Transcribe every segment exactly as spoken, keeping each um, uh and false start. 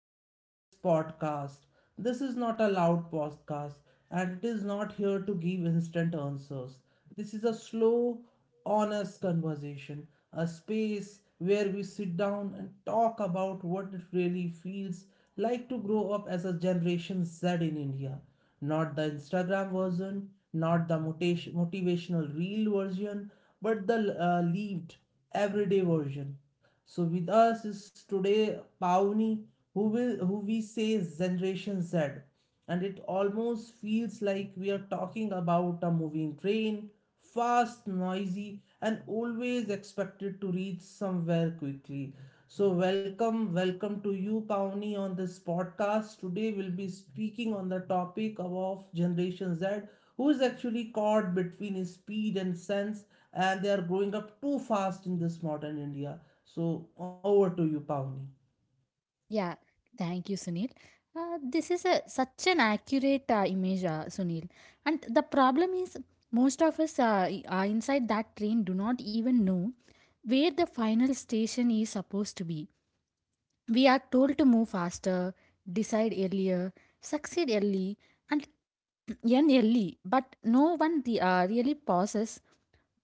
our today's podcast. This is not a loud podcast and it is not here to give instant answers. This is a slow, honest conversation, a space where we sit down and talk about what it really feels like to grow up as a Generation Z in India. Not the Instagram version, not the motivation, motivational reel version, but the uh, lived, everyday version. So with us is today Pauni, who will who we say is Generation Z, and it almost feels like we are talking about a moving train, fast, noisy, and always expected to reach somewhere quickly. So welcome, welcome to you, Pauni, on this podcast. Today we'll be speaking on the topic of Generation Z, who is actually caught between speed and sense, and they are growing up too fast in this modern India. So over to you, Pawnee. Yeah, thank you, Sunil. Uh, this is a, such an accurate uh, image, uh, Sunil. And the problem is, most of us uh, i- are inside that train do not even know where the final station is supposed to be. We are told to move faster, decide earlier, succeed early, and end early, but no one the, uh, really pauses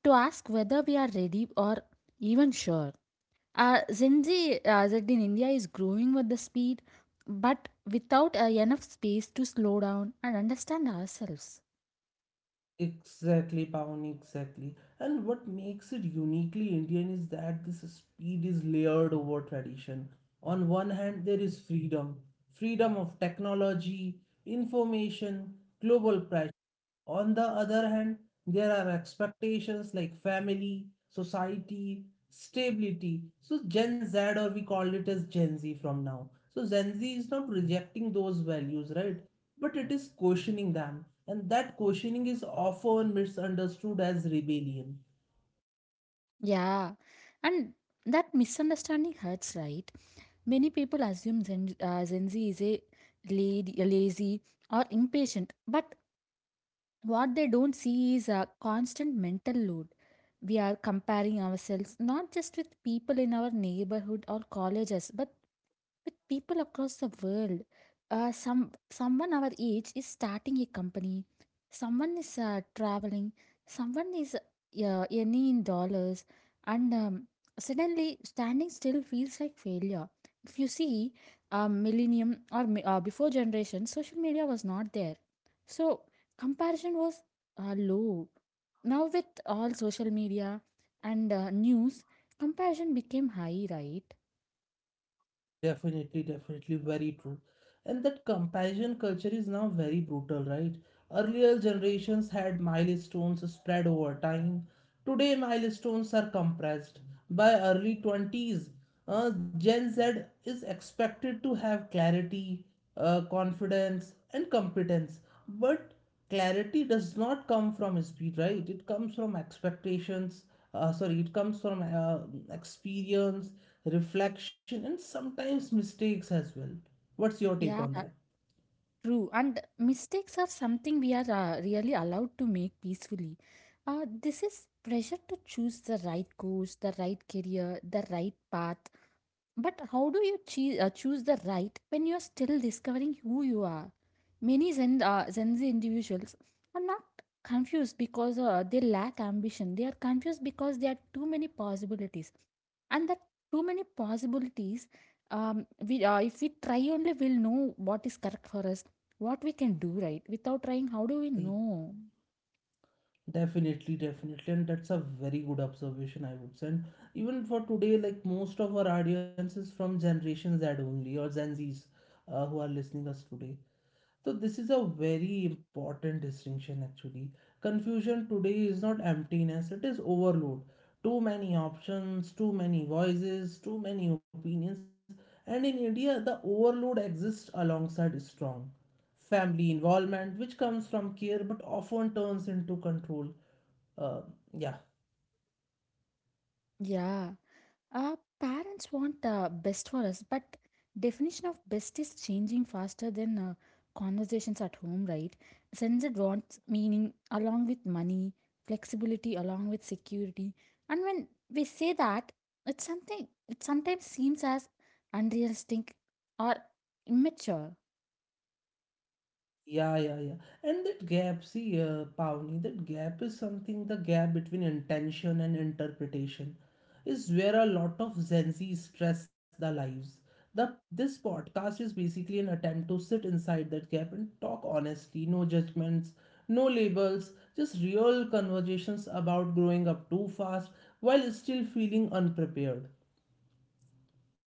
to ask whether we are ready or even sure. Uh, Gen Z, uh, Z in India is growing with the speed, but without uh, enough space to slow down and understand ourselves. Exactly, Pawnee, exactly. And what makes it uniquely Indian is that this speed is layered over tradition. On one hand, there is freedom freedom of technology, information, global. On the other hand, there are expectations like family, society, stability. So Gen Z, or we call it as Gen Z from now. So Gen Z is not rejecting those values, right? But it is questioning them. And that questioning is often misunderstood as rebellion. Yeah, and that misunderstanding hurts, right? Many people assume Gen, uh, Gen Z is a lad- lazy or impatient, but what they don't see is a constant mental load. We are comparing ourselves not just with people in our neighborhood or colleges, but with people across the world. Uh, some someone our age is starting a company, someone is uh, traveling, someone is uh, earning in dollars, and um, suddenly standing still feels like failure. If you see, uh, millennium or mi- uh, before generation, social media was not there, so comparison was uh, low. Now with all social media and uh, news, comparison became high, right? Definitely, definitely, very true. And that comparison culture is now very brutal, right? Earlier generations had milestones spread over time. Today, milestones are compressed. By early twenties, uh, Gen Z is expected to have clarity, uh, confidence, and competence. But clarity does not come from speed, right? It comes from expectations, uh, sorry, it comes from uh, experience, reflection, and sometimes mistakes as well. What's your take Yeah, on that? true, and mistakes are something we are uh, really allowed to make peacefully. Uh, this is pressure to choose the right course, the right career, the right path. But how do you chee- uh, choose the right when you're still discovering who you are? Many Zen, uh, Gen Z individuals are not confused because uh, they lack ambition. They are confused because there are too many possibilities. And that too many possibilities, um, we, uh, if we try only, we'll know what is correct for us, what we can do right. Without trying, how do we E- know? Definitely, definitely, and that's a very good observation, I would say. And even for today, like most of our audience is from Generation Z only, or Gen Z's, uh, who are listening us today. So this is a very important distinction actually. Confusion today is not emptiness, it is overload. Too many options, too many voices, too many opinions. And in India, the overload exists alongside strong family involvement, which comes from care but often turns into control. Uh, yeah, Yeah. Uh, parents want uh, best for us, but definition of best is changing faster than uh, conversations at home, right? Censored wants meaning along with money, flexibility along with security, and when we say that, it's something. It sometimes seems as unrealistic or immature. Yeah, yeah, yeah. And that gap, see, uh, Pavni, that gap is something, the gap between intention and interpretation is where a lot of Gen Z stress their lives. The, this podcast is basically an attempt to sit inside that gap and talk honestly, no judgments, no labels, just real conversations about growing up too fast while still feeling unprepared.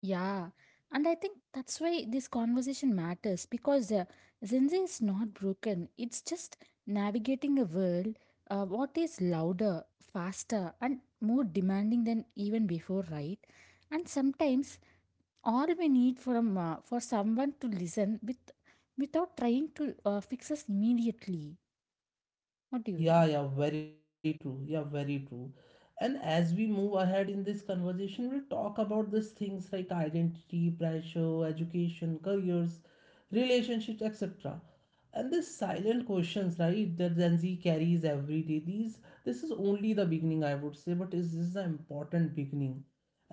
Yeah, and I think that's why this conversation matters because uh, Gen Z is not broken. It's just navigating a world uh, what is louder, faster, and more demanding than even before, right? And sometimes all we need from uh, for someone to listen with without trying to uh, fix us immediately. What do you Yeah, think? yeah, very true. Yeah, very true. And as we move ahead in this conversation, we'll talk about these things like identity, pressure, education, careers, relationships, et cetera. And these silent questions, right, that Gen Z carries every day. These This is only the beginning, I would say, but this is the important beginning.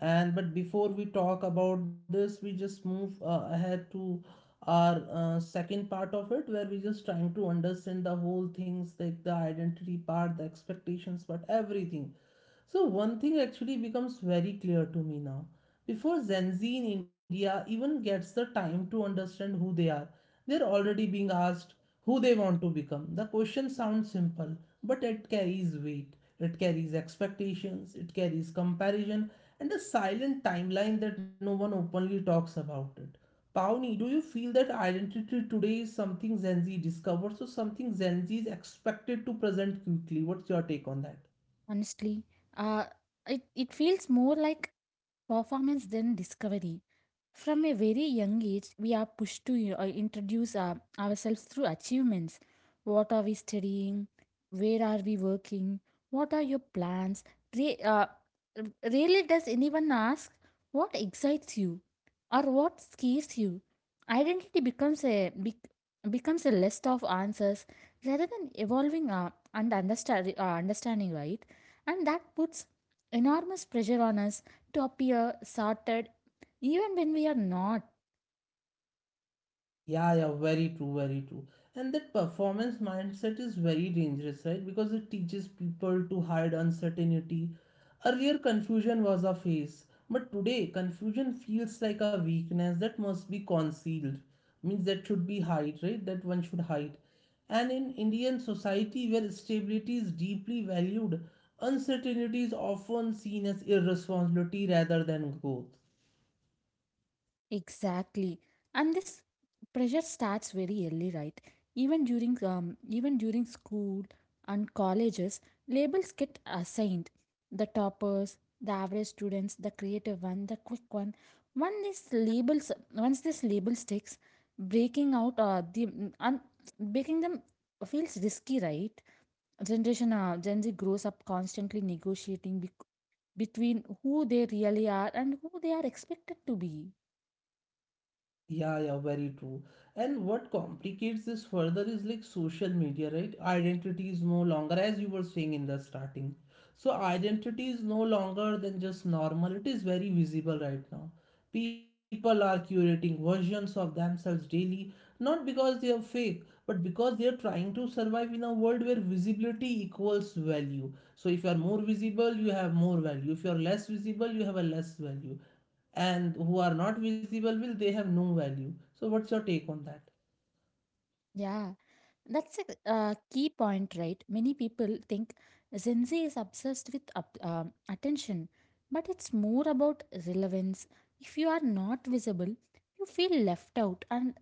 And but before we talk about this, we just move uh, ahead to our uh, second part of it, where we just trying to understand the whole things like the identity part, the expectations, but everything. So, one thing actually becomes very clear to me now. Before Gen Z in India even gets the time to understand who they are, they're already being asked who they want to become. The question sounds simple, but it carries weight, it carries expectations, it carries comparison, and a silent timeline that no one openly talks about it. Pawnee, do you feel that identity today is something Gen Z discovers or something Gen Z is expected to present quickly? What's your take on that? Honestly, uh, it it feels more like performance then discovery. From a very young age we are pushed to uh, introduce our, ourselves through achievements. What are we studying, where are we working, what are your plans? Re- uh, r- Rarely does anyone ask what excites you or what scares you. Identity becomes a bec- becomes a list of answers rather than evolving uh, and understand, uh, understanding, right? And that puts enormous pressure on us to appear sorted even when we are not. Yeah, yeah, very true, very true. And that performance mindset is very dangerous, right? Because it teaches people to hide uncertainty. Earlier, confusion was a face, but today, confusion feels like a weakness that must be concealed. Means that should be hide, right? That one should hide. And in Indian society, where stability is deeply valued, uncertainty is often seen as irresponsibility rather than growth. Exactly, and this pressure starts very early, right? Even during um, even during school and colleges, labels get assigned: the toppers, the average students, the creative one, the quick one. Once these labels once this label sticks, breaking out uh, the and breaking them feels risky, right? Generation uh, gen z grows up constantly negotiating between who they really are and who they are expected to be. Yeah, yeah, very true. And what complicates this further is like social media, right? Identity is no longer, as you were saying in the starting. So, identity is no longer than just normal, it is very visible right now. People are curating versions of themselves daily, not because they are fake, but because they are trying to survive in a world where visibility equals value. So, if you are more visible, you have more value. If you are less visible, you have a less value, and who are not visible, will they have no value? So what's your take on that? Yeah, that's a uh, key point, right? Many people think Gen Z is obsessed with up, um, attention, but it's more about relevance. If you are not visible, you feel left out, and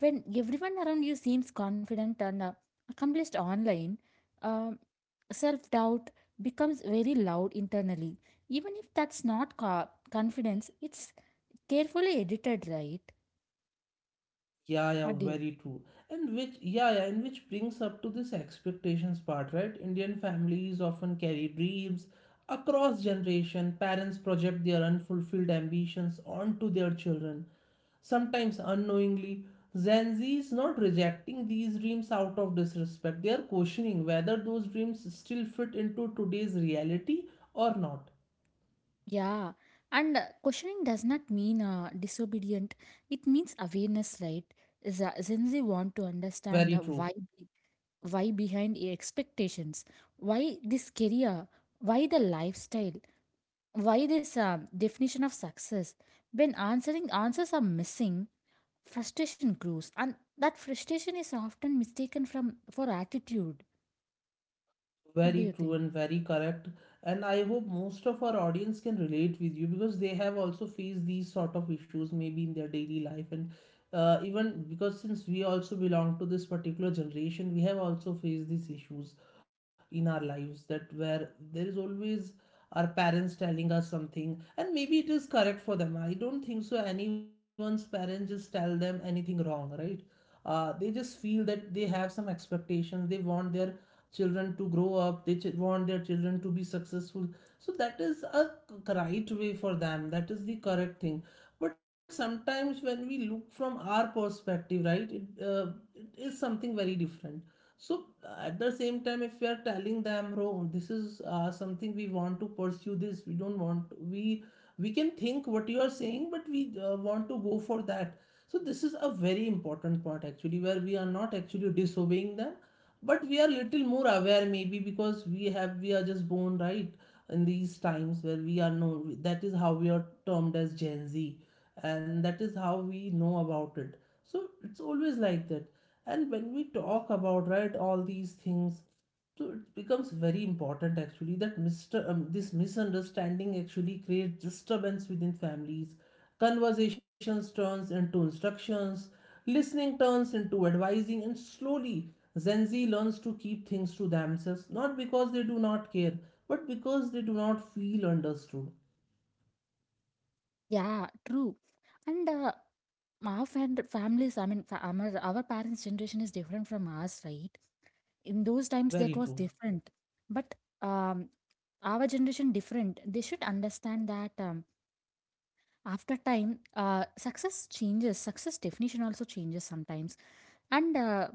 when everyone around you seems confident and uh, accomplished online, um, self doubt becomes very loud internally. Even if that's not co- confidence, it's carefully edited, right? Yeah, yeah, Or did. very true. And which, yeah, yeah, and which brings up to this expectations part, right? Indian families often carry dreams across generation. Parents project their unfulfilled ambitions onto their children, sometimes unknowingly. Gen Z is not rejecting these dreams out of disrespect. They are questioning whether those dreams still fit into today's reality or not. Yeah. And uh, questioning does not mean uh, disobedient. It means awareness, right? Is uh, Gen Z want to understand Very the true. why, be- why behind the expectations, why this career, why the lifestyle, why this um definition of success. When answering answers are missing, frustration grows, and that frustration is often mistaken from for attitude. What do Very you true think? and very correct. And I hope most of our audience can relate with you because they have also faced these sort of issues maybe in their daily life. And uh, even because since we also belong to this particular generation, we have also faced these issues in our lives, that where there is always our parents telling us something, and maybe it is correct for them. I don't think so. Anyone's parents just tell them anything wrong, right? Uh, they just feel that they have some expectations. They want their children to grow up, they ch- want their children to be successful, so that is a c- right way for them, that is the correct thing. But sometimes when we look from our perspective, right, it, uh, it is something very different. So uh, at the same time, if we are telling them, oh, this is uh, something we want to pursue, this we don't want, we we can think what you are saying, but we uh, want to go for that. So this is a very important part actually, where we are not actually disobeying them, but we are little more aware, maybe because we have we are just born, right, in these times where we are known, that is how we are termed as Gen Z, and that is how we know about it. So it's always like that. And when we talk about, right, all these things, so it becomes very important actually that mister Um, this misunderstanding actually creates disturbance within families. Conversations turns into instructions, listening turns into advising, and slowly Gen Z learns to keep things to themselves, not because they do not care, but because they do not feel understood. Yeah, true. And uh, our fam families, I mean, fa- our, our parents generation is different from ours, right? In those times that Very was true. different, but um, our generation different. They should understand that, um, after time, uh, success changes, success definition also changes sometimes. And uh,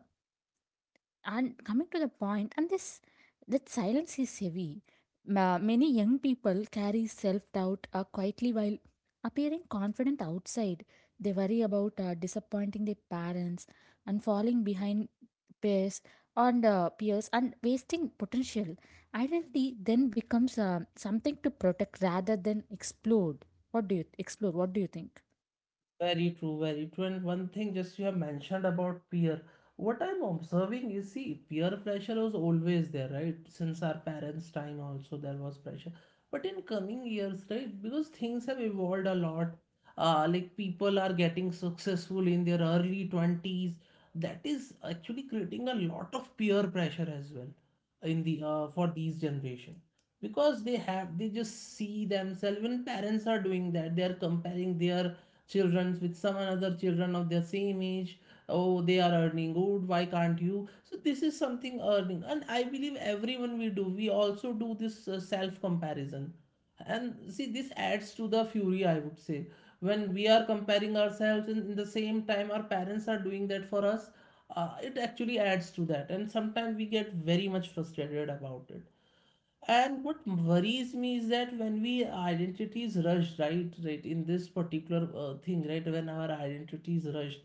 and coming to the point, and this that silence is heavy. Ma- many young people carry self doubt uh, quietly while appearing confident outside. They worry about uh, disappointing their parents and falling behind peers and uh, peers and wasting potential. Identity then becomes uh, something to protect rather than explode. What do you explore? What do you think? Very true, very true. And one thing just you have mentioned about peer, what I'm observing is, see, peer pressure was always there, right? Since our parents' time also there was pressure. But in coming years, right, because things have evolved a lot. Uh, like people are getting successful in their early twenties. That is actually creating a lot of peer pressure as well in the uh, for these generation, because they have they just see themselves. When parents are doing that, they are comparing their children with some another children of their same age. Oh, they are earning good, why can't you? So this is something earning. And I believe everyone, we do we also do this uh, self comparison. And see, this adds to the fury, I would say, when we are comparing ourselves and in the same time our parents are doing that for us. Uh, it actually adds to that, and sometimes we get very much frustrated about it. And what worries me is that when we identity is rushed, right, right, in this particular uh, thing, right, when our identity is rushed,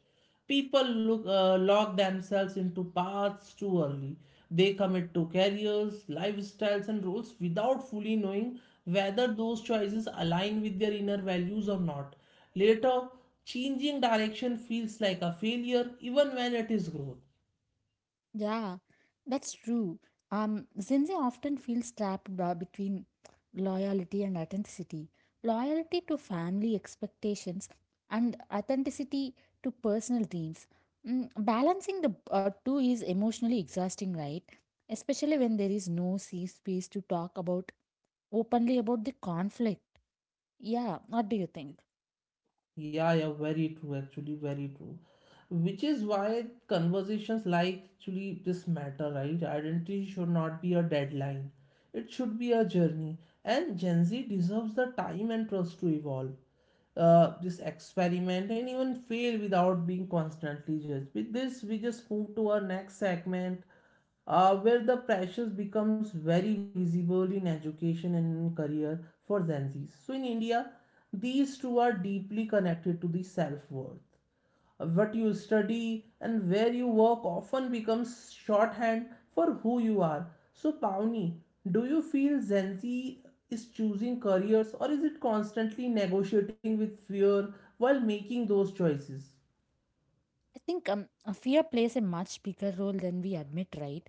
people look uh, lock themselves into paths too early. They commit to careers, lifestyles, and roles without fully knowing whether those choices align with their inner values or not. Later, changing direction feels like a failure, even when it is growth. Yeah, that's true. Um, Gen Z often feels trapped by- between loyalty and authenticity. Loyalty to family expectations and authenticity to personal dreams. Mm, balancing the uh, two is emotionally exhausting, right? Especially when there is no safe space to talk about openly about the conflict. Yeah, what do you think? Yeah, yeah, very true, actually, very true. Which is why conversations like actually this matter, right? Identity should not be a deadline. It should be a journey. And Gen Z deserves the time and trust to evolve, uh, this experiment, and even fail without being constantly judged. With this, we just move to our next segment, uh, where the pressures becomes very visible in education and in career for Gen Zs. So in India, these two are deeply connected to the self-worth. Uh, What you study and where you work often becomes shorthand for who you are. So Pawni, do you feel Gen Zenzi is choosing careers, or is it constantly negotiating with fear while making those choices? I think um, uh, fear plays a much bigger role than we admit, right?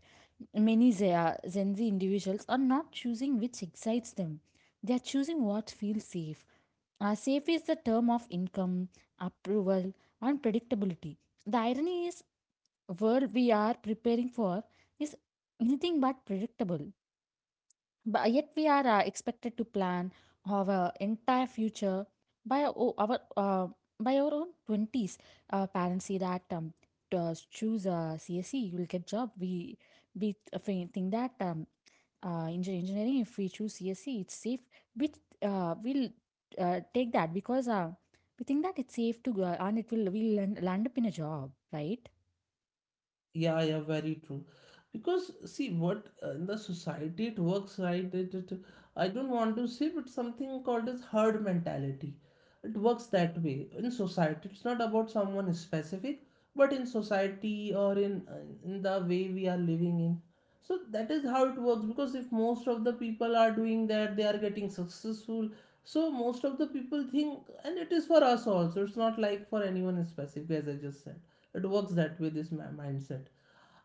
Many Ze- uh, Gen Z individuals are not choosing which excites them. They are choosing what feels safe. Uh, safe is the term of income, approval, and predictability. The irony is, world we are preparing for is anything but predictable. But uh, yet we are uh, expected to plan our entire future by our, o- our uh, by our own twenties. Uh, parents say that um, to, uh, choose a C S E, you will get job. We we th- think that um, uh, engin- engineering, if we choose C S E, it's safe. We uh, will uh, take that because uh, we think that it's safe to go and it will we'll land, land up in a job, right? Yeah, yeah, very true. Because see, what uh, in the society it works, right. It, it, I don't want to say, but something called as herd mentality. It works that way in society. It's not about someone specific, but in society or in uh, in the way we are living in. So that is how it works. Because if most of the people are doing that, they are getting successful. So most of the people think, and it is for us also. It's not like for anyone specific, as I just said it works that way this mi- mindset.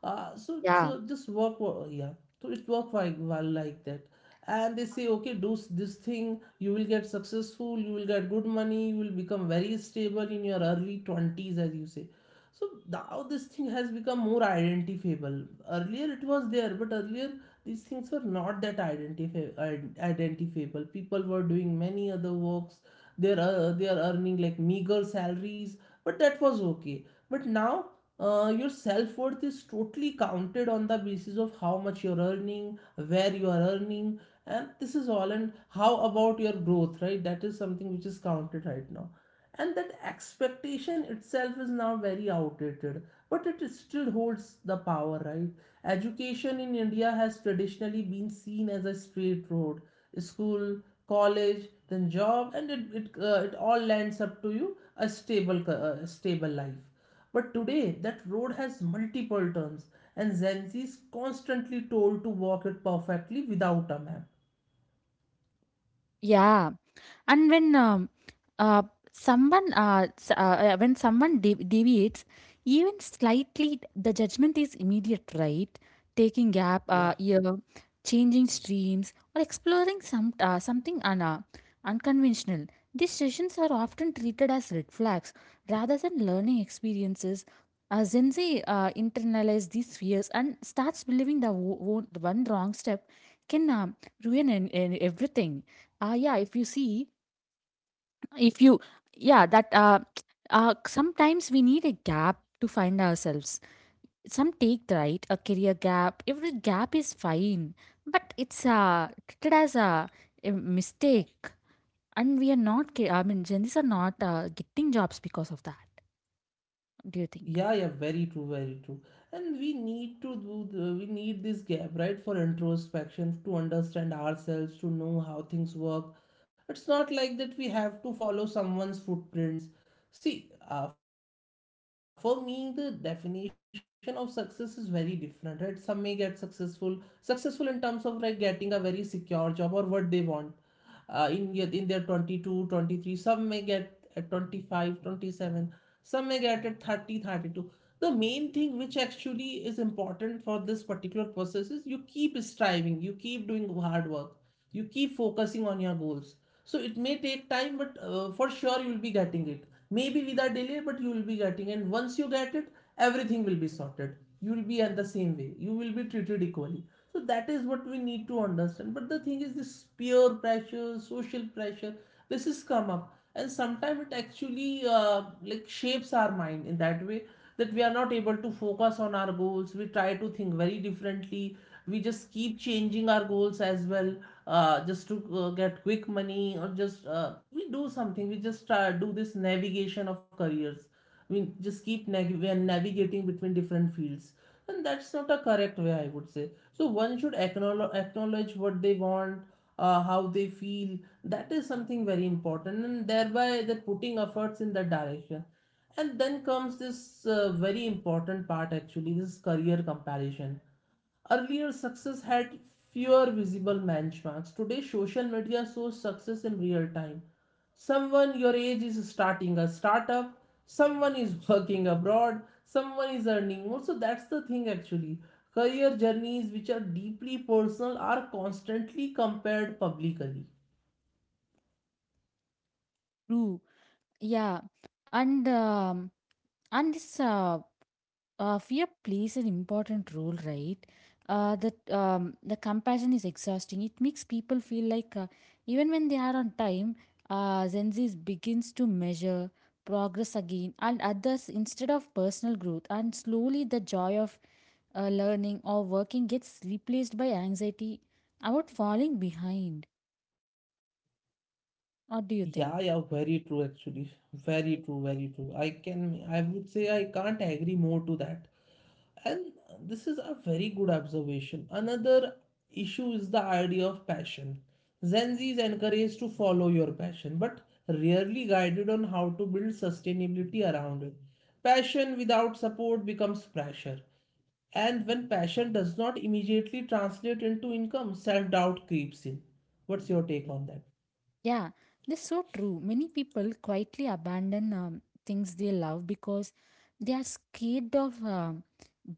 uh, so Yeah, so just work wo- Yeah. So it work like, well like that. And they say okay, do s- this thing, you will get successful, you will get good money, you will become very stable in your early twenties, as you say. So now this thing has become more identifiable. Earlier it was there, but earlier these things were not that identifi- id- identifiable. People were doing many other works. They are uh, they are earning like meager salaries, but that was okay. But now, uh, your self worth is totally counted on the basis of how much you're earning, where you are earning, and this is all. And how about your growth, right? That is something which is counted right now. And that expectation itself is now very outdated, but it still holds the power, right? Education in India has traditionally been seen as a straight road, school, college, then job, and it, it, uh, it all lands up to you a stable, uh, stable life. But today, that road has multiple turns, and Gen Z is constantly told to walk it perfectly without a map. yeah. And when um, uh, someone uh, s- uh, uh, when someone de- deviates even slightly, the judgment is immediate, right? Taking gap uh, Yeah. year, changing streams, or exploring some uh, something un- uh, unconventional, these sessions are often treated as red flags rather than learning experiences. Uh, Gen Z uh, internalize these fears and starts believing that wo- wo- one wrong step can um ruin an, an everything. Uh, yeah, if you see, if you Yeah, that uh, uh sometimes we need a gap to find ourselves. Some take the right a career gap, every gap is fine, but it's uh treated as a, a mistake, and we are not ca- I mean Gen Zs are not uh, getting jobs because of that. Do you think? Yeah, yeah, very true, very true. And we need to do the, we need this gap, right, for introspection, to understand ourselves, to know how things work. It's not like that we have to follow someone's footprints. See, uh, for me, the definition of success is very different, right? Some may get successful, successful in terms of like getting a very secure job or what they want. Uh, in yet in their twenty two, twenty three, some may get at twenty five, twenty seven, some may get at thirty, thirty two. The main thing which actually is important for this particular process is, you keep striving, you keep doing hard work, you keep focusing on your goals. So it may take time, but uh, for sure you will be getting it. Maybe with a delay, but you will be getting. And once you get it, everything will be sorted. You will be, in the same way, you will be treated equally. So that is what we need to understand. But the thing is, this peer pressure, social pressure, this has come up. And sometimes it actually uh, like shapes our mind in that way, that we are not able to focus on our goals. We try to think very differently. We just keep changing our goals as well, uh, just to uh, get quick money, or just uh, we do something, we just uh, do this navigation of careers. We just keep nav- we are navigating between different fields. And that's not a correct way, I would say. So one should acknowledge, acknowledge what they want, uh, how they feel. That is something very important, and thereby they're putting efforts in that direction. And then comes this uh, very important part, actually. This is career comparison. Earlier success had fewer visible benchmarks. Today social media shows success in real time. Someone your age is starting a startup, someone is working abroad, someone is earning more. So that's the thing, actually. Career journeys which are deeply personal are constantly compared publicly. True. Yeah, and um and this uh, uh, fear plays an important role, right? Uh, that um, the compassion is exhausting. It makes people feel like uh, even when they are on time, uh, Gen Z begins to measure progress again and others instead of personal growth. And slowly, the joy of uh, learning or working gets replaced by anxiety about falling behind. What do you Yeah, yeah, think? very true, actually. Very true, very true. I can, I would say I can't agree more to that. And this is a very good observation. Another issue is the idea of passion. Gen Z is encouraged to follow your passion, but rarely guided on how to build sustainability around it. Passion without support becomes pressure. And when passion does not immediately translate into income, self doubt creeps in. What's your take on that? Yeah, that's so true. Many people quietly abandon um, things they love because they are scared of um,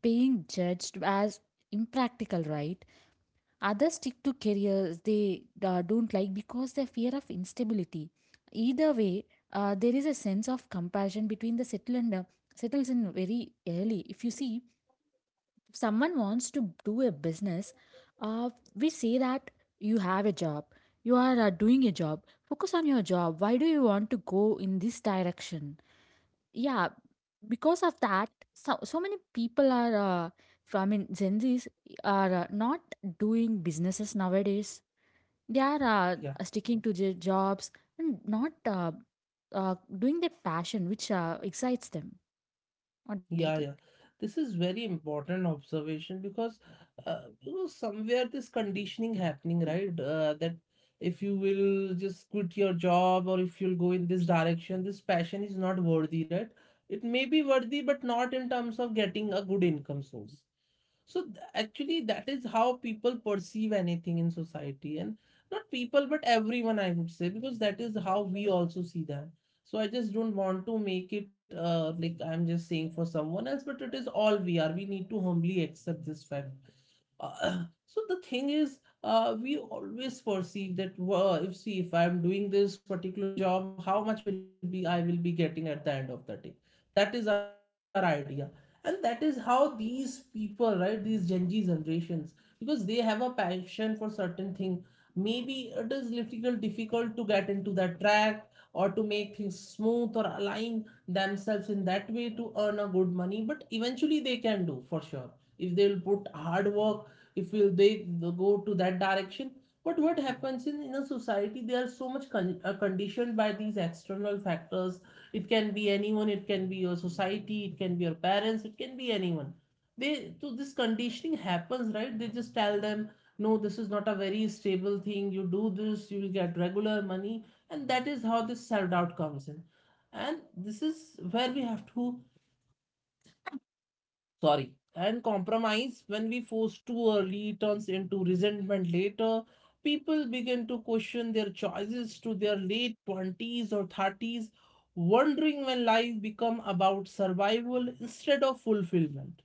being judged as impractical, right? Others stick to careers they uh, don't like because they fear of instability. Either way, uh, there is a sense of compassion between the settled and uh, settles in very early. If you see, if someone wants to do a business, uh, we say that you have a job, you are uh, doing a job, focus on your job. Why do you want to go in this direction? Yeah, because of that, so, so many people are, uh, from, I mean, Gen Zs are uh, not doing businesses nowadays. They are uh, Yeah. sticking to their jobs and not uh, uh, doing their passion, which uh, excites them. What do you think? Yeah, yeah. This is very important observation because uh, you know somewhere this conditioning happening, right? Uh, that if you will just quit your job, or if you'll go in this direction, this passion is not worthy, right? It may be worthy, but not in terms of getting a good income source. So th- actually, that is how people perceive anything in society, and not people, but everyone, I would say, because that is how we also see them. So I just don't want to make it uh, like I'm just saying for someone else, but it is all we are. We need to humbly accept this fact. Uh, so the thing is, uh, we always perceive that wow, if, see, if I'm doing this particular job, how much will be I will be getting at the end of the day. That is our idea. And that is how these people, right, these Gen Z generations, because they have a passion for certain thing. Maybe it is little difficult to get into that track, or to make things smooth, or align themselves in that way to earn a good money, but eventually they can do for sure, if they will put hard work, if will they go to that direction. But what happens in in a society, they are so much con- uh, conditioned by these external factors. It can be anyone, it can be your society, it can be your parents, it can be anyone. They, so this conditioning happens, right, they just tell them, no, this is not a very stable thing, you do this, you will get regular money. And that is how this self doubt comes in. And this is where we have to, sorry, and compromise. When we force too early, it turns into resentment later. People begin to question their choices to their late twenties or thirties, wondering when life become about survival instead of fulfillment.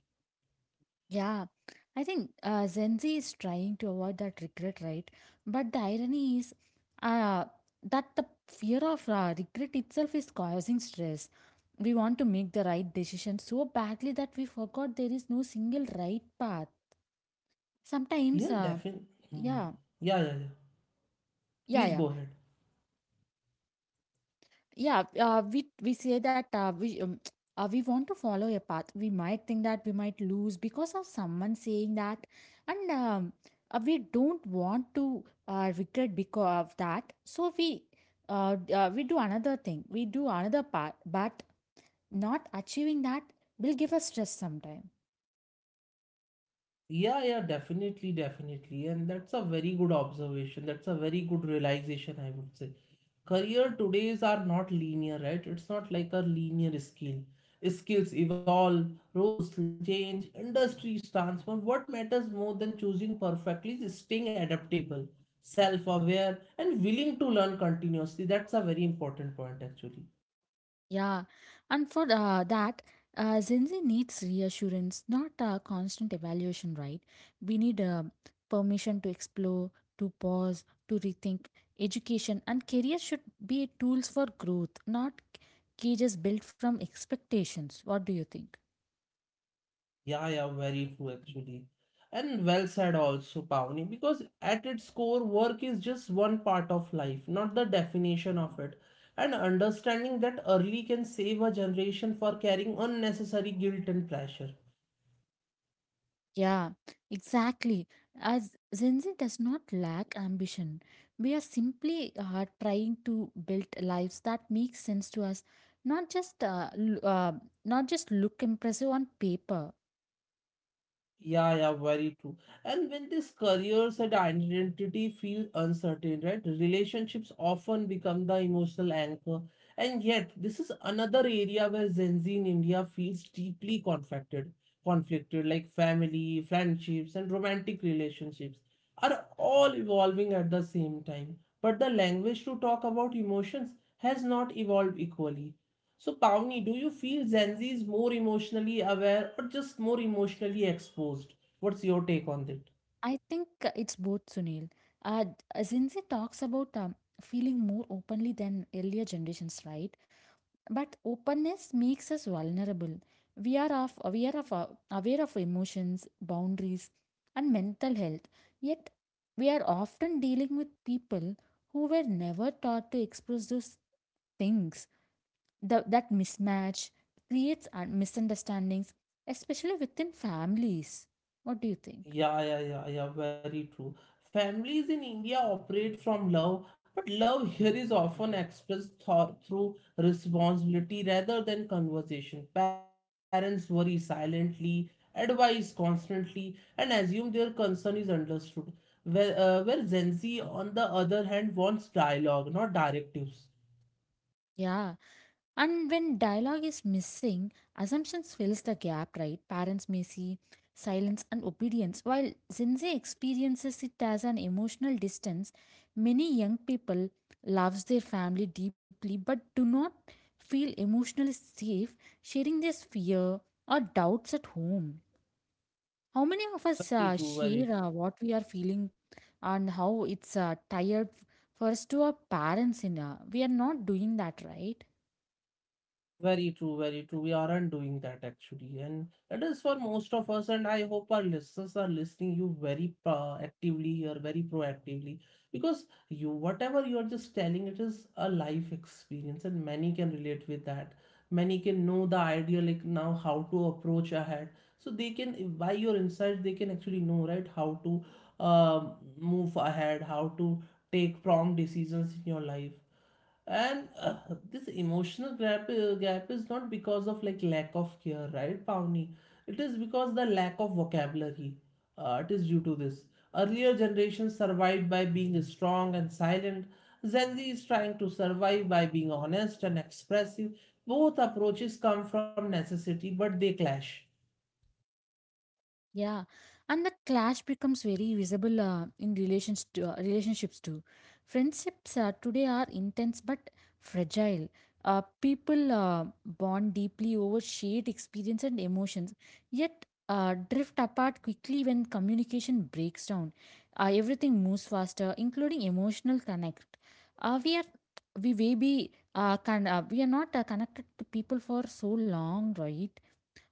Yeah, I think uh, Gen Z is trying to avoid that regret, right? But the irony is uh, that the fear of uh, regret itself is causing stress. We want to make the right decision so badly that we forgot there is no single right path. Sometimes, Yeah, uh, definitely. Hmm. yeah, Yeah, yeah, yeah. yeah, Please yeah. go ahead. yeah uh, we we say that uh, we um, uh, we want to follow a path. We might think that we might lose because of someone saying that. And um, uh, we don't want to uh, regret because of that, so we uh, d- uh, we do another thing, we do another part, but not achieving that will give us stress sometimes. Yeah, yeah, definitely, definitely. And that's a very good observation. That's a very good realization, I would say. Career todays are not linear, right? It's not like a linear scale. Skills evolve, roles change, industries transform. What matters more than choosing perfectly is staying adaptable, self-aware, and willing to learn continuously. That's a very important point, actually. Yeah, and for uh, that, uh, Gen Z needs reassurance, not uh, constant evaluation, right? We need uh, permission to explore, to pause, to rethink. Education and career should be tools for growth, not cages built from expectations. What do you think? Yeah, yeah, very true, actually. And well said also, Pavni, because at its core, work is just one part of life, not the definition of it. And understanding that early can save a generation for carrying unnecessary guilt and pressure. Yeah, exactly. As Gen Z does not lack ambition, we are simply uh, trying to build lives that make sense to us, not just uh, l- uh, not just look impressive on paper. Yeah, yeah, very true. And when these careers and identity feel uncertain, right? Relationships often become the emotional anchor. And yet, this is another area where Gen Z in India feels deeply conflicted, conflicted, like family, friendships, and romantic relationships are all evolving at the same time. But the language to talk about emotions has not evolved equally. So, Pavni, do you feel Gen Z is more emotionally aware, or just more emotionally exposed? What's your take on that? I think uh, it's both, Sunil. Uh, Gen Z talks about um, feeling more openly than earlier generations, right? But openness makes us vulnerable. We are of, we are of, aware of emotions, boundaries, and mental health. Yet, we are often dealing with people who were never taught to express those things. The, that mismatch creates un- misunderstandings, especially within families. What do you think? Yeah, yeah, yeah, yeah, very true. Families in India operate from love, but love here is often expressed thro- through responsibility rather than conversation. Parents worry silently, advise constantly, and assume their concern is understood. Where, uh, where Gen Z, on the other hand, wants dialogue, not directives. Yeah. And when dialogue is missing, assumptions fills the gap, right? Parents may see silence and obedience, while Gen Z experiences it as an emotional distance. Many young people loves their family deeply but do not feel emotionally safe sharing their fear or doubts at home. How many of us Very uh, true, very share true. uh, what we are feeling and how it's uh, tired for us to our parents in uh, we are not doing that, right? Very true, very true. We aren't doing that actually, and it is for most of us. And I hope our listeners are listening you very pro- actively, or very proactively, because you, whatever you're just telling, it is a life experience, and many can relate with that. Many can know the idea, like, now how to approach ahead, so they can, by your insight, they can actually know, right, how to um, move ahead, how to take prompt decisions in your life. And uh, this emotional gap uh, gap is not because of like lack of care, right, Pavni. It is because the lack of vocabulary. Uh, it is due to this. Earlier generations survived by being strong and silent. Gen Z is trying to survive by being honest and expressive. Both approaches come from necessity, but they clash. Yeah, and that clash becomes very visible uh, in relations to, uh, relationships too. Friendships uh, today are intense but fragile. Uh, people uh, bond deeply over shared experience and emotions, yet uh, drift apart quickly when communication breaks down. Uh, everything moves faster, including emotional connect. Uh, we are we maybe uh, can uh, We are not uh, connected to people for so long, right?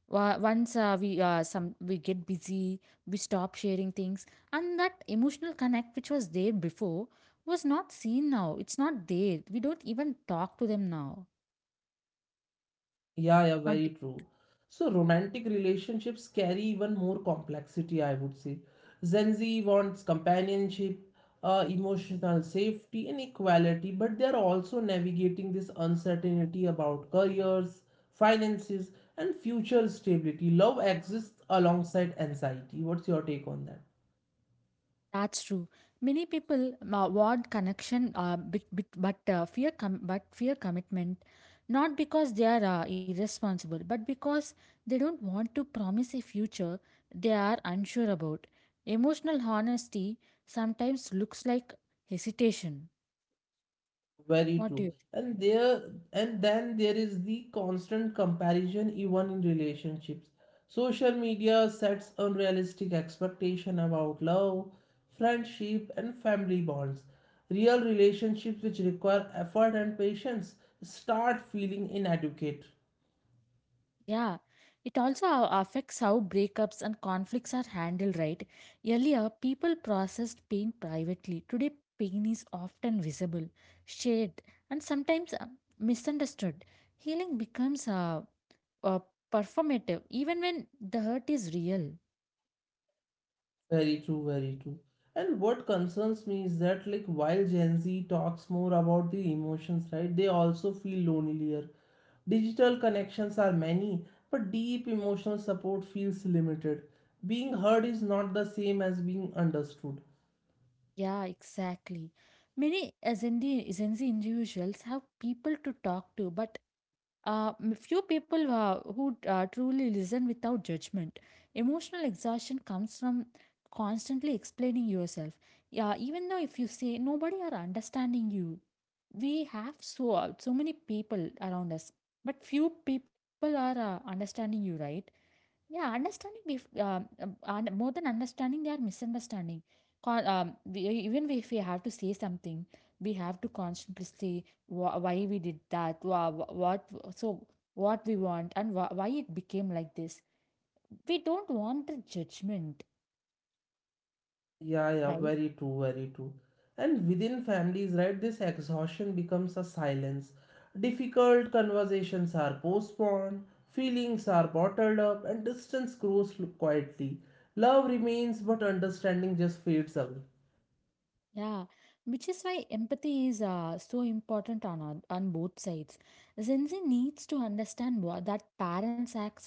Wa- once uh, we uh, some we get busy, we stop sharing things, and that emotional connect which was there before was not seen. Now it's not there, we don't even talk to them now Yeah, yeah, very not true. it- So romantic relationships carry even more complexity, I would say. Gen Z wants companionship, uh, emotional safety, and equality, but they're also navigating this uncertainty about careers, finances, and future stability. Love exists alongside anxiety. What's your take on that? that's true. Many people uh, want connection uh, but, but uh, fear com- but fear commitment, not because they are uh, irresponsible but because they don't want to promise a future they are unsure about. Emotional honesty sometimes looks like hesitation. Very What do you true. think? And there and then there is the constant comparison even in relationships. Social media sets unrealistic expectation about love, friendship and family bonds. Real relationships which require effort and patience start feeling inadequate. Yeah, it also a- affects how breakups and conflicts are handled, right? Earlier, people processed pain privately. Today, pain is often visible, shared, and sometimes uh, misunderstood. Healing becomes uh, uh, performative, even when the hurt is real. Very true, very true. And what concerns me is that, like, while Gen Z talks more about the emotions, right, they also feel lonelier. Digital connections are many, but deep emotional support feels limited. Being heard is not the same as being understood. Yeah, exactly. Many Gen Z Gen Z individuals have people to talk to, but Uh, m- few people uh, who uh, truly listen without judgment. Emotional exhaustion comes from constantly explaining yourself. Yeah, even though if you say nobody are understanding you, we have so uh, so many people around us, but few people are uh, understanding you, right? Yeah, understanding bef um, um, and more than understanding, they are misunderstanding. Con um, We, even if we have to say something, we have to constantly say wh why we did that, wha wha- what, so what we want, and wh why it became like this. We don't want the judgment, Yeah, yeah, right? very true, very true. And within families, right, this exhaustion becomes a silence. Difficult conversations are postponed, feelings are bottled up, and distance grows l- quietly. Love remains, but understanding just fades away. Yeah, which is why empathy is uh, so important on on on both sides. Gen Z needs to understand wha- that parents act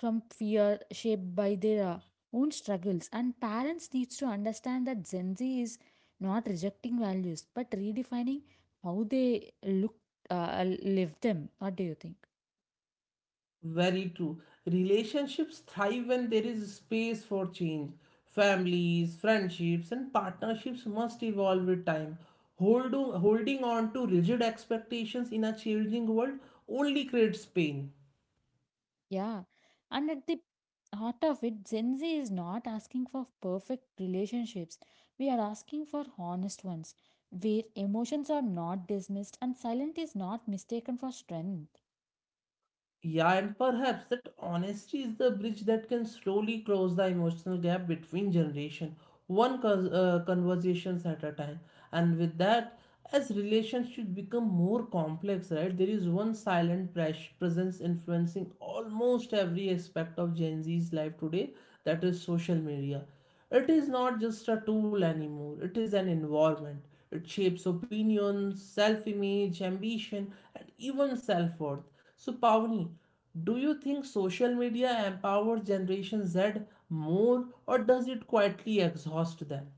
from fear shaped by their uh, own struggles, and parents needs to understand that Gen Z is not rejecting values but redefining how they look uh, live them. What do you think? Very true. Relationships thrive when there is space for change. Families, friendships, and partnerships must evolve with time. Holding, holding on to rigid expectations in a changing world only creates pain. Yeah. And at the heart of it, Gen Z is not asking for perfect relationships. We are asking for honest ones, where emotions are not dismissed and silent is not mistaken for strength. Yeah, and perhaps that honesty is the bridge that can slowly close the emotional gap between generation, one cons- uh, conversations at a time. And with that, as relationships become more complex, right, there is one silent pres- presence influencing almost every aspect of Gen Z's life today, that is social media. It is not just a tool anymore, it is an environment. It shapes opinions, self image, ambition, and even self worth. So, Pavni, do you think social media empowers Generation Z more or does it quietly exhaust them?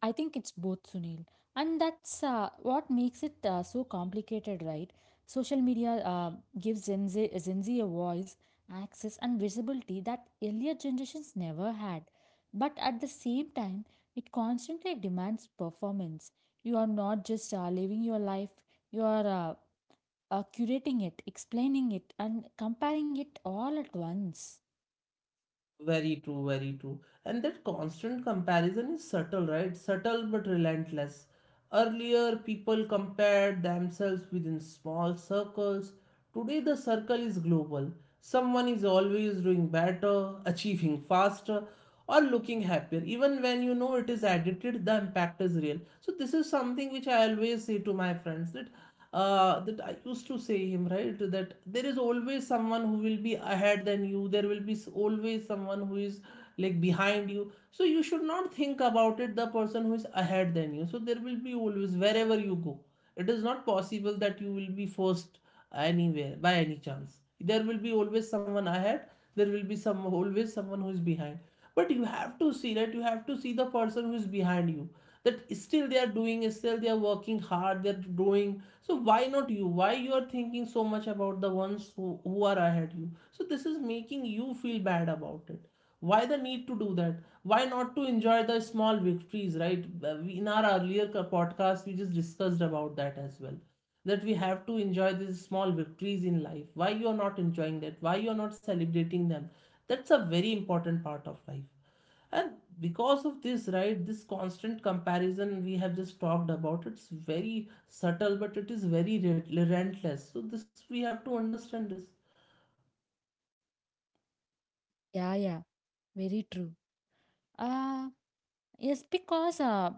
I think it's both, Sunil. And that's uh, what makes it uh, so complicated, right? Social media uh, gives Gen Z, Gen Z a voice, access, and visibility that earlier generations never had. But at the same time, it constantly demands performance. You are not just uh, living your life, you are uh, uh, curating it, explaining it, and comparing it all at once. Very true, very true. And that constant comparison is subtle, right? Subtle but relentless. Earlier, people compared themselves within small circles. Today, the circle is global. Someone is always doing better, achieving faster, or looking happier. Even when you know it is edited, the impact is real. So, this is something which I always say to my friends that uh, that I used to say him, right? That there is always someone who will be ahead than you. There will be always someone who is like behind you. So you should not think about it, the person who is ahead than you. So there will be always, wherever you go, it is not possible that you will be first anywhere by any chance. There will be always someone ahead. There will be some always someone who is behind. But you have to see that you have to see the person who is behind you, that still they are doing, still they are working hard, they're doing. So why not you? Why you are thinking so much about the ones who, who are ahead you? So this is making you feel bad about it. Why the need to do that? Why not to enjoy the small victories, right? Uh, we- in our earlier podcast we just discussed about that as well, that we have to enjoy these small victories in life. Why you are not enjoying that? Why you are not celebrating them? That's a very important part of life. And because of this, right, this constant comparison we have just talked about, it's very subtle but it is very re- relentless. So this is, we have to understand this. Yeah, yeah, very true. Uh, Yes, because uh,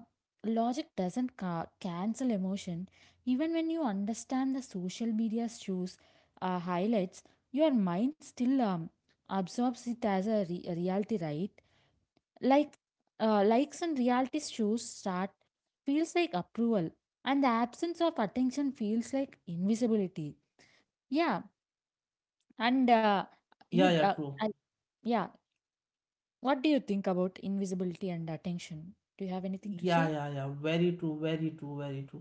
logic doesn't ca- cancel emotion. Even when you understand the social media's shows uh, highlights, your mind still um, absorbs it as a, re- a reality, right? Like uh, likes and reality shows start feels like approval, and the absence of attention feels like invisibility. Yeah, and uh, Yeah, you, yeah, uh, true. I, yeah. What do you think about invisibility and attention? Do you have anything to Yeah, say? yeah, yeah, very true, very true, very true.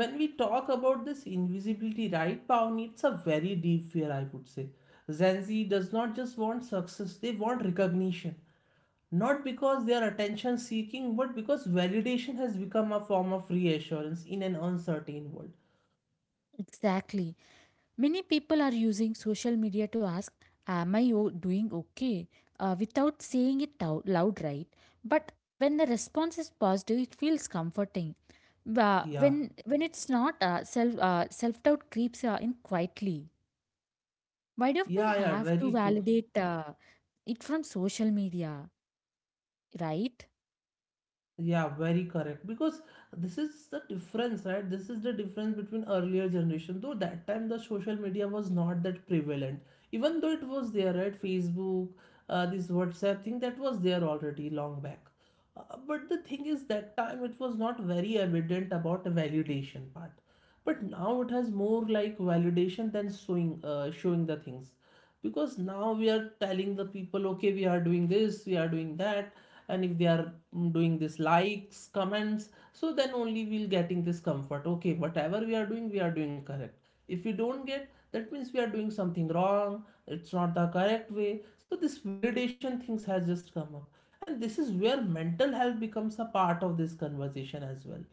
When we talk about this invisibility, right, Pawni, it's a very deep fear, I would say. Gen Z does not just want success, they want recognition, not because they are attention seeking but because validation has become a form of reassurance in an uncertain world. Exactly. Many people are using social media to ask, am I o- doing okay? Uh, without saying it out loud, right? But when the response is positive, it feels comforting. Uh, Yeah, when when it's not, uh, self uh, self doubt creeps uh, in quietly. Why do we yeah, yeah, have to very true. validate uh, it from social media, right? Yeah, very correct. Because this is the difference, right? This is the difference between earlier generation. Though that time the social media was not that prevalent. Even though it was there, right? Facebook, uh, this WhatsApp thing that was there already long back. Uh, but the thing is, that time it was not very evident about the validation part. But now it has more like validation than showing, uh, showing the things. Because now we are telling the people, okay, we are doing this, we are doing that, and if they are mm, doing this likes comments, so then only we'll getting this comfort, okay, whatever we are doing we are doing correct. If we don't get that, means we are doing something wrong, it's not the correct way. So this validation things has just come up, and this is where mental health becomes a part of this conversation as well.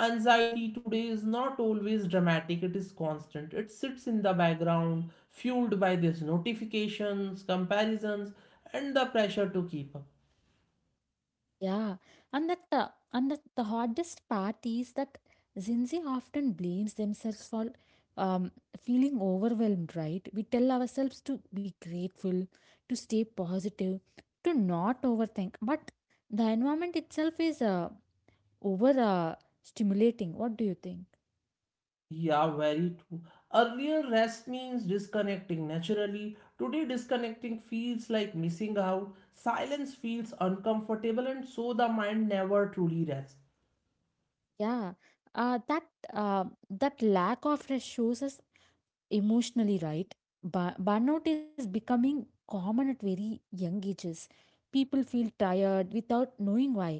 Anxiety today is not always dramatic, it is constant. It sits in the background, fueled by these notifications, comparisons, and the pressure to keep up. Yeah, and that the and that the hardest part is that Gen Z often blames themselves for um, feeling overwhelmed. Right? We tell ourselves to be grateful, to stay positive, to not overthink. But the environment itself is uh, over uh, stimulating. What do you think? Yeah, very true. Earlier, rest means disconnecting naturally. Today, disconnecting feels like missing out. Silence feels uncomfortable, and so the mind never truly rests. Yeah, uh, that uh, that lack of rest shows us emotionally, right? Bu- burnout is becoming common at very young ages. People feel tired without knowing why.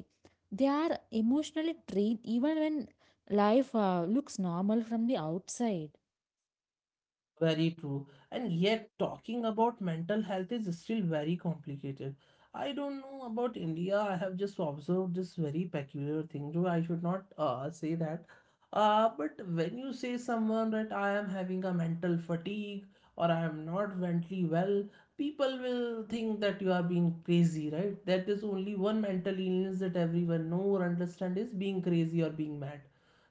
They are emotionally drained even when life uh, looks normal from the outside. Very true. And yet, talking about mental health is still very complicated. I don't know about India. I have just observed this very peculiar thing, though I should not uh, say that. Uh, but when you say someone that I am having a mental fatigue or I am not mentally well, people will think that you are being crazy, right? That is only one mental illness that everyone know or understand is being crazy or being mad.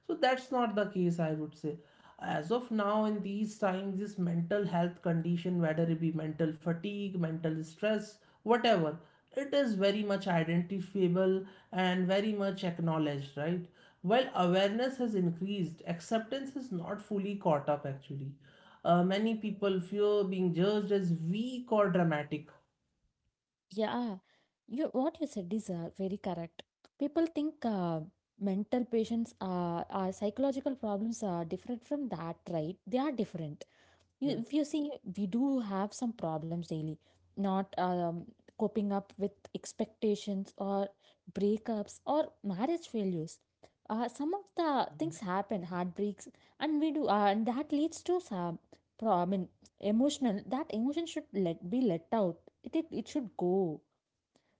So that's not the case, I would say. As of now in these times, this mental health condition, whether it be mental fatigue, mental stress, whatever, it is very much identifiable and very much acknowledged, right? While awareness has increased, acceptance is not fully caught up actually. Uh, many people fear being judged as weak or dramatic. Yeah, you what you said is uh, very correct. People think uh, mental patients, uh, uh, psychological problems are different from that, right? They are different. Yeah. You, if you see, we do have some problems daily, not um, coping up with expectations, or breakups or marriage failures, uh, some of Mhm. the things happen, heartbreaks, and we do uh, and that leads to some pro- i mean emotional, that emotion should let be let out. It it, it should go,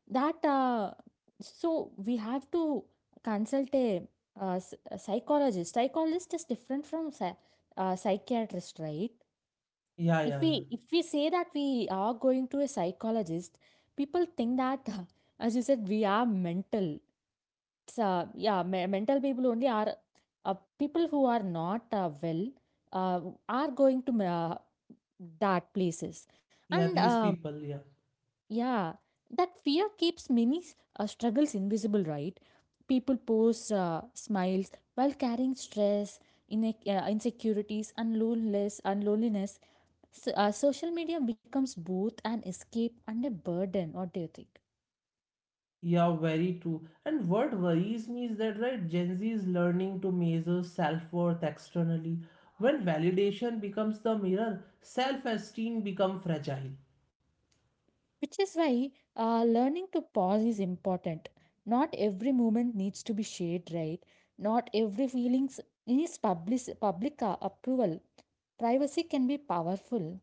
that uh, so we have to consult a, uh, s- a psychologist. Psychologist is different from psy- uh, psychiatrist, right? Yeah, If yeah, yeah. we, if we say that we are going to a psychologist, people think that as you said we are mental. It's, uh, yeah, me- mental people only are uh, people who are not uh, well uh, are going to uh, that places, Yeah, and these um, people, yeah. yeah, that fear keeps many uh, struggles invisible, right? People post uh, smiles while carrying stress, in, uh, insecurities and loneliness and loneliness so, uh, social media becomes both an escape and a burden. What do you think? Yeah, very true. And what worries me is that, right, Gen Z is learning to measure self worth externally. When validation becomes the mirror, self esteem becomes fragile. Which is why uh, learning to pause is important. Not every moment needs to be shared, right? Not every feelings needs public, public uh, approval. Privacy can be powerful.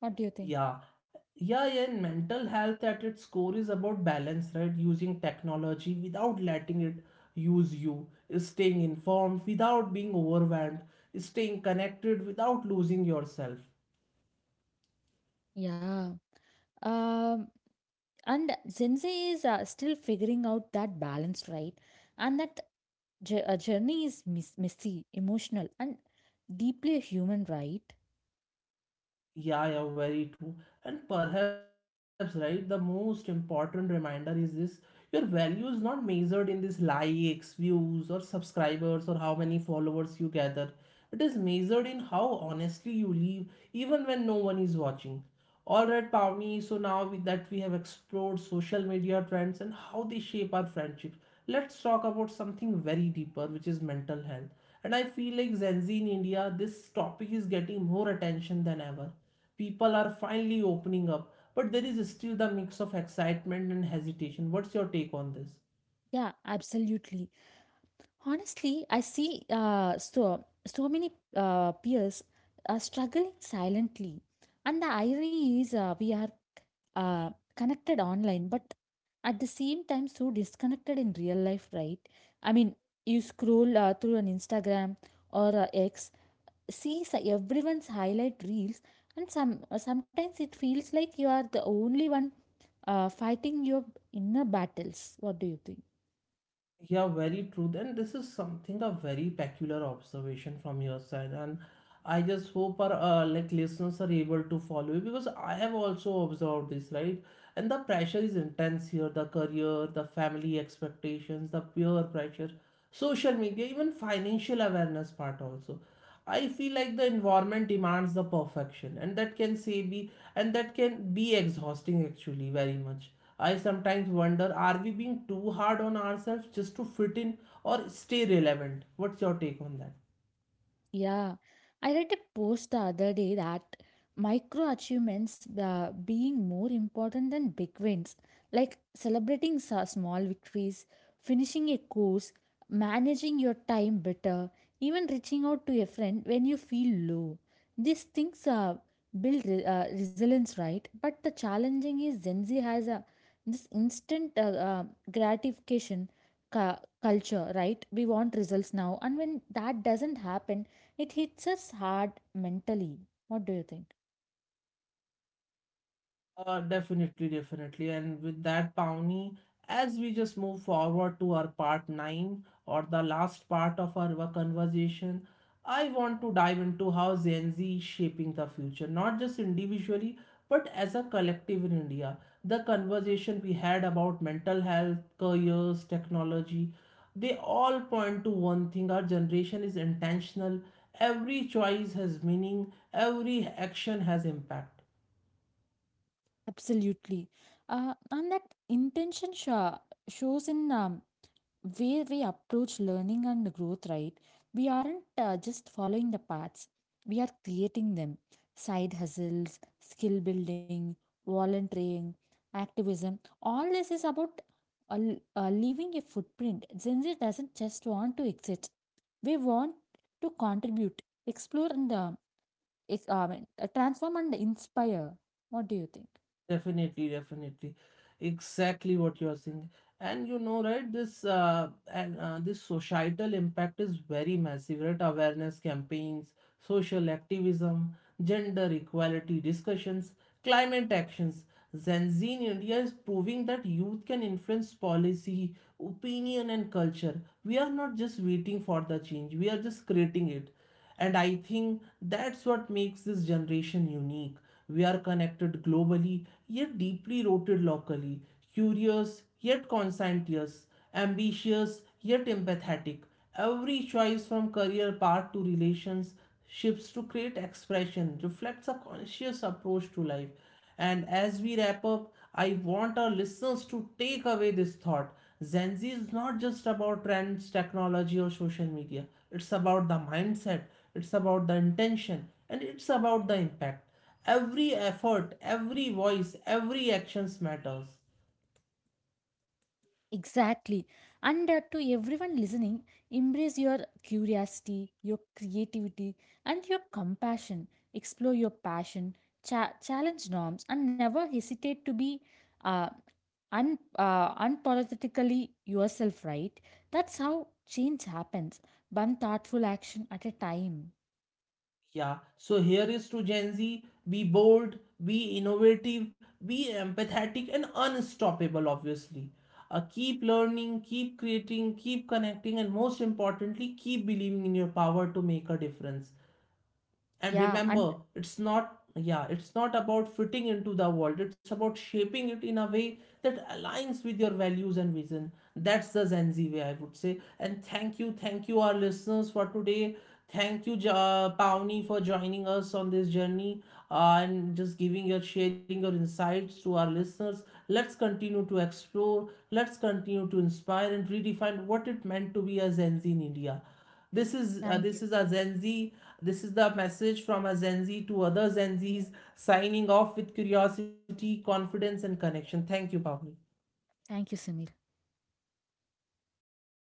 What do you think? Yeah, yeah, yeah. And mental health at its core is about balance, right? Using technology without letting it use you, staying informed without being overwhelmed, staying connected without losing yourself. Yeah. Um, and Gen Z is uh, still figuring out that balance, right? And that j- uh, journey is mis- messy, emotional, and deeply human, right? Yeah, yeah, very true. And perhaps, right, the most important reminder is this: your value is not measured in this likes, views, or subscribers, or how many followers you gather. It is measured in how honestly you live, even when no one is watching. All right, Pavni. So now we, that we have explored social media trends and how they shape our friendships, let's talk about something very deeper, which is mental health. And I feel like Gen Z in India, this topic is getting more attention than ever. People are finally opening up, but there is still the mix of excitement and hesitation. What's your take on this? Yeah, absolutely. Honestly, I see uh, so so many uh, peers are struggling silently, and the irony is uh, we are uh, connected online, but at the same time so disconnected in real life, right? I mean, you scroll uh, through an Instagram or uh, X, see s- everyone's highlight reels, and some uh, sometimes it feels like you are the only one uh, fighting your inner battles. What do you think? Yeah, very true. And this is something a very peculiar observation from your side. And I just hope our uh, like listeners are able to follow you, because I have also observed this, right? And the pressure is intense here, the career, the family expectations, the peer pressure, social media, even financial awareness part also. I feel like the environment demands the perfection, and that can say be and that can be exhausting actually very much. I sometimes wonder, are we being too hard on ourselves just to fit in or stay relevant? What's your take on that? Yeah, I read a post the other day that micro achievements uh, being more important than big wins, like celebrating sa- small victories, finishing a course, managing your time better, even reaching out to a friend when you feel low. These things uh, build re- uh, resilience, right? But the challenging is Gen Z has a, this instant uh, uh, gratification cu- culture, right? We want results now, and when that doesn't happen, it hits us hard mentally. What do you think? Uh, definitely, definitely. And with that, Pawnee, as we just move forward to our part nine or the last part of our conversation, I want to dive into how Gen Z is shaping the future, not just individually, but as a collective in India. The conversation we had about mental health, careers, technology, they all point to one thing: our generation is intentional, every choice has meaning, every action has impact. Absolutely. Uh, and that intention sho- shows in um, way we approach learning and growth, right? We aren't uh, just following the paths, we are creating them. Side hustles, skill building, volunteering, activism. All this is about uh, l- uh, leaving a footprint. Gen Z doesn't just want to exit, we want to contribute, explore, and uh, Ex- I mean, uh, transform and inspire. What do you think? Definitely, definitely, exactly what you are saying, and you know, right? This uh, and uh, this societal impact is very massive, right? Awareness campaigns, social activism, gender equality discussions, climate actions. Gen Z in India is proving that youth can influence policy, opinion, and culture. We are not just waiting for the change; we are just creating it. And I think that's what makes this generation unique. We are connected globally, yet deeply rooted locally, curious, yet conscientious, ambitious, yet empathetic. Every choice from career path to relations shifts to create expression reflects a conscious approach to life. And as we wrap up, I want our listeners to take away this thought. Gen Z is not just about trends, technology, or social media. It's about the mindset, it's about the intention, and it's about the impact. Every effort, every voice, every actions matters. Exactly. And uh, to everyone listening, embrace your curiosity, your creativity, and your compassion. Explore your passion, cha- challenge norms, and never hesitate to be uh, un- uh, unapologetically yourself, right? That's how change happens, one thoughtful action at a time. Yeah, so here is to Gen Z, be bold, be innovative, be empathetic, and unstoppable, obviously. Uh, keep learning, keep creating, keep connecting, and most importantly, keep believing in your power to make a difference. And Yeah, remember, and it's not, yeah, it's not about fitting into the world, it's about shaping it in a way that aligns with your values and vision. That's the Gen Z way, I would say. And thank you, thank you, our listeners, for today. Thank you, ja- Pawni, for joining us on this journey, uh, and just giving your sharing your insights to our listeners. Let's continue to explore, let's continue to inspire and redefine what it meant to be a Gen Z in India. this is uh, thank this you. is a Gen Z. This is the message from a Gen Z to other Gen Zs, signing off with curiosity, confidence, and connection. Thank you, Pavni. Thank you, Sunil.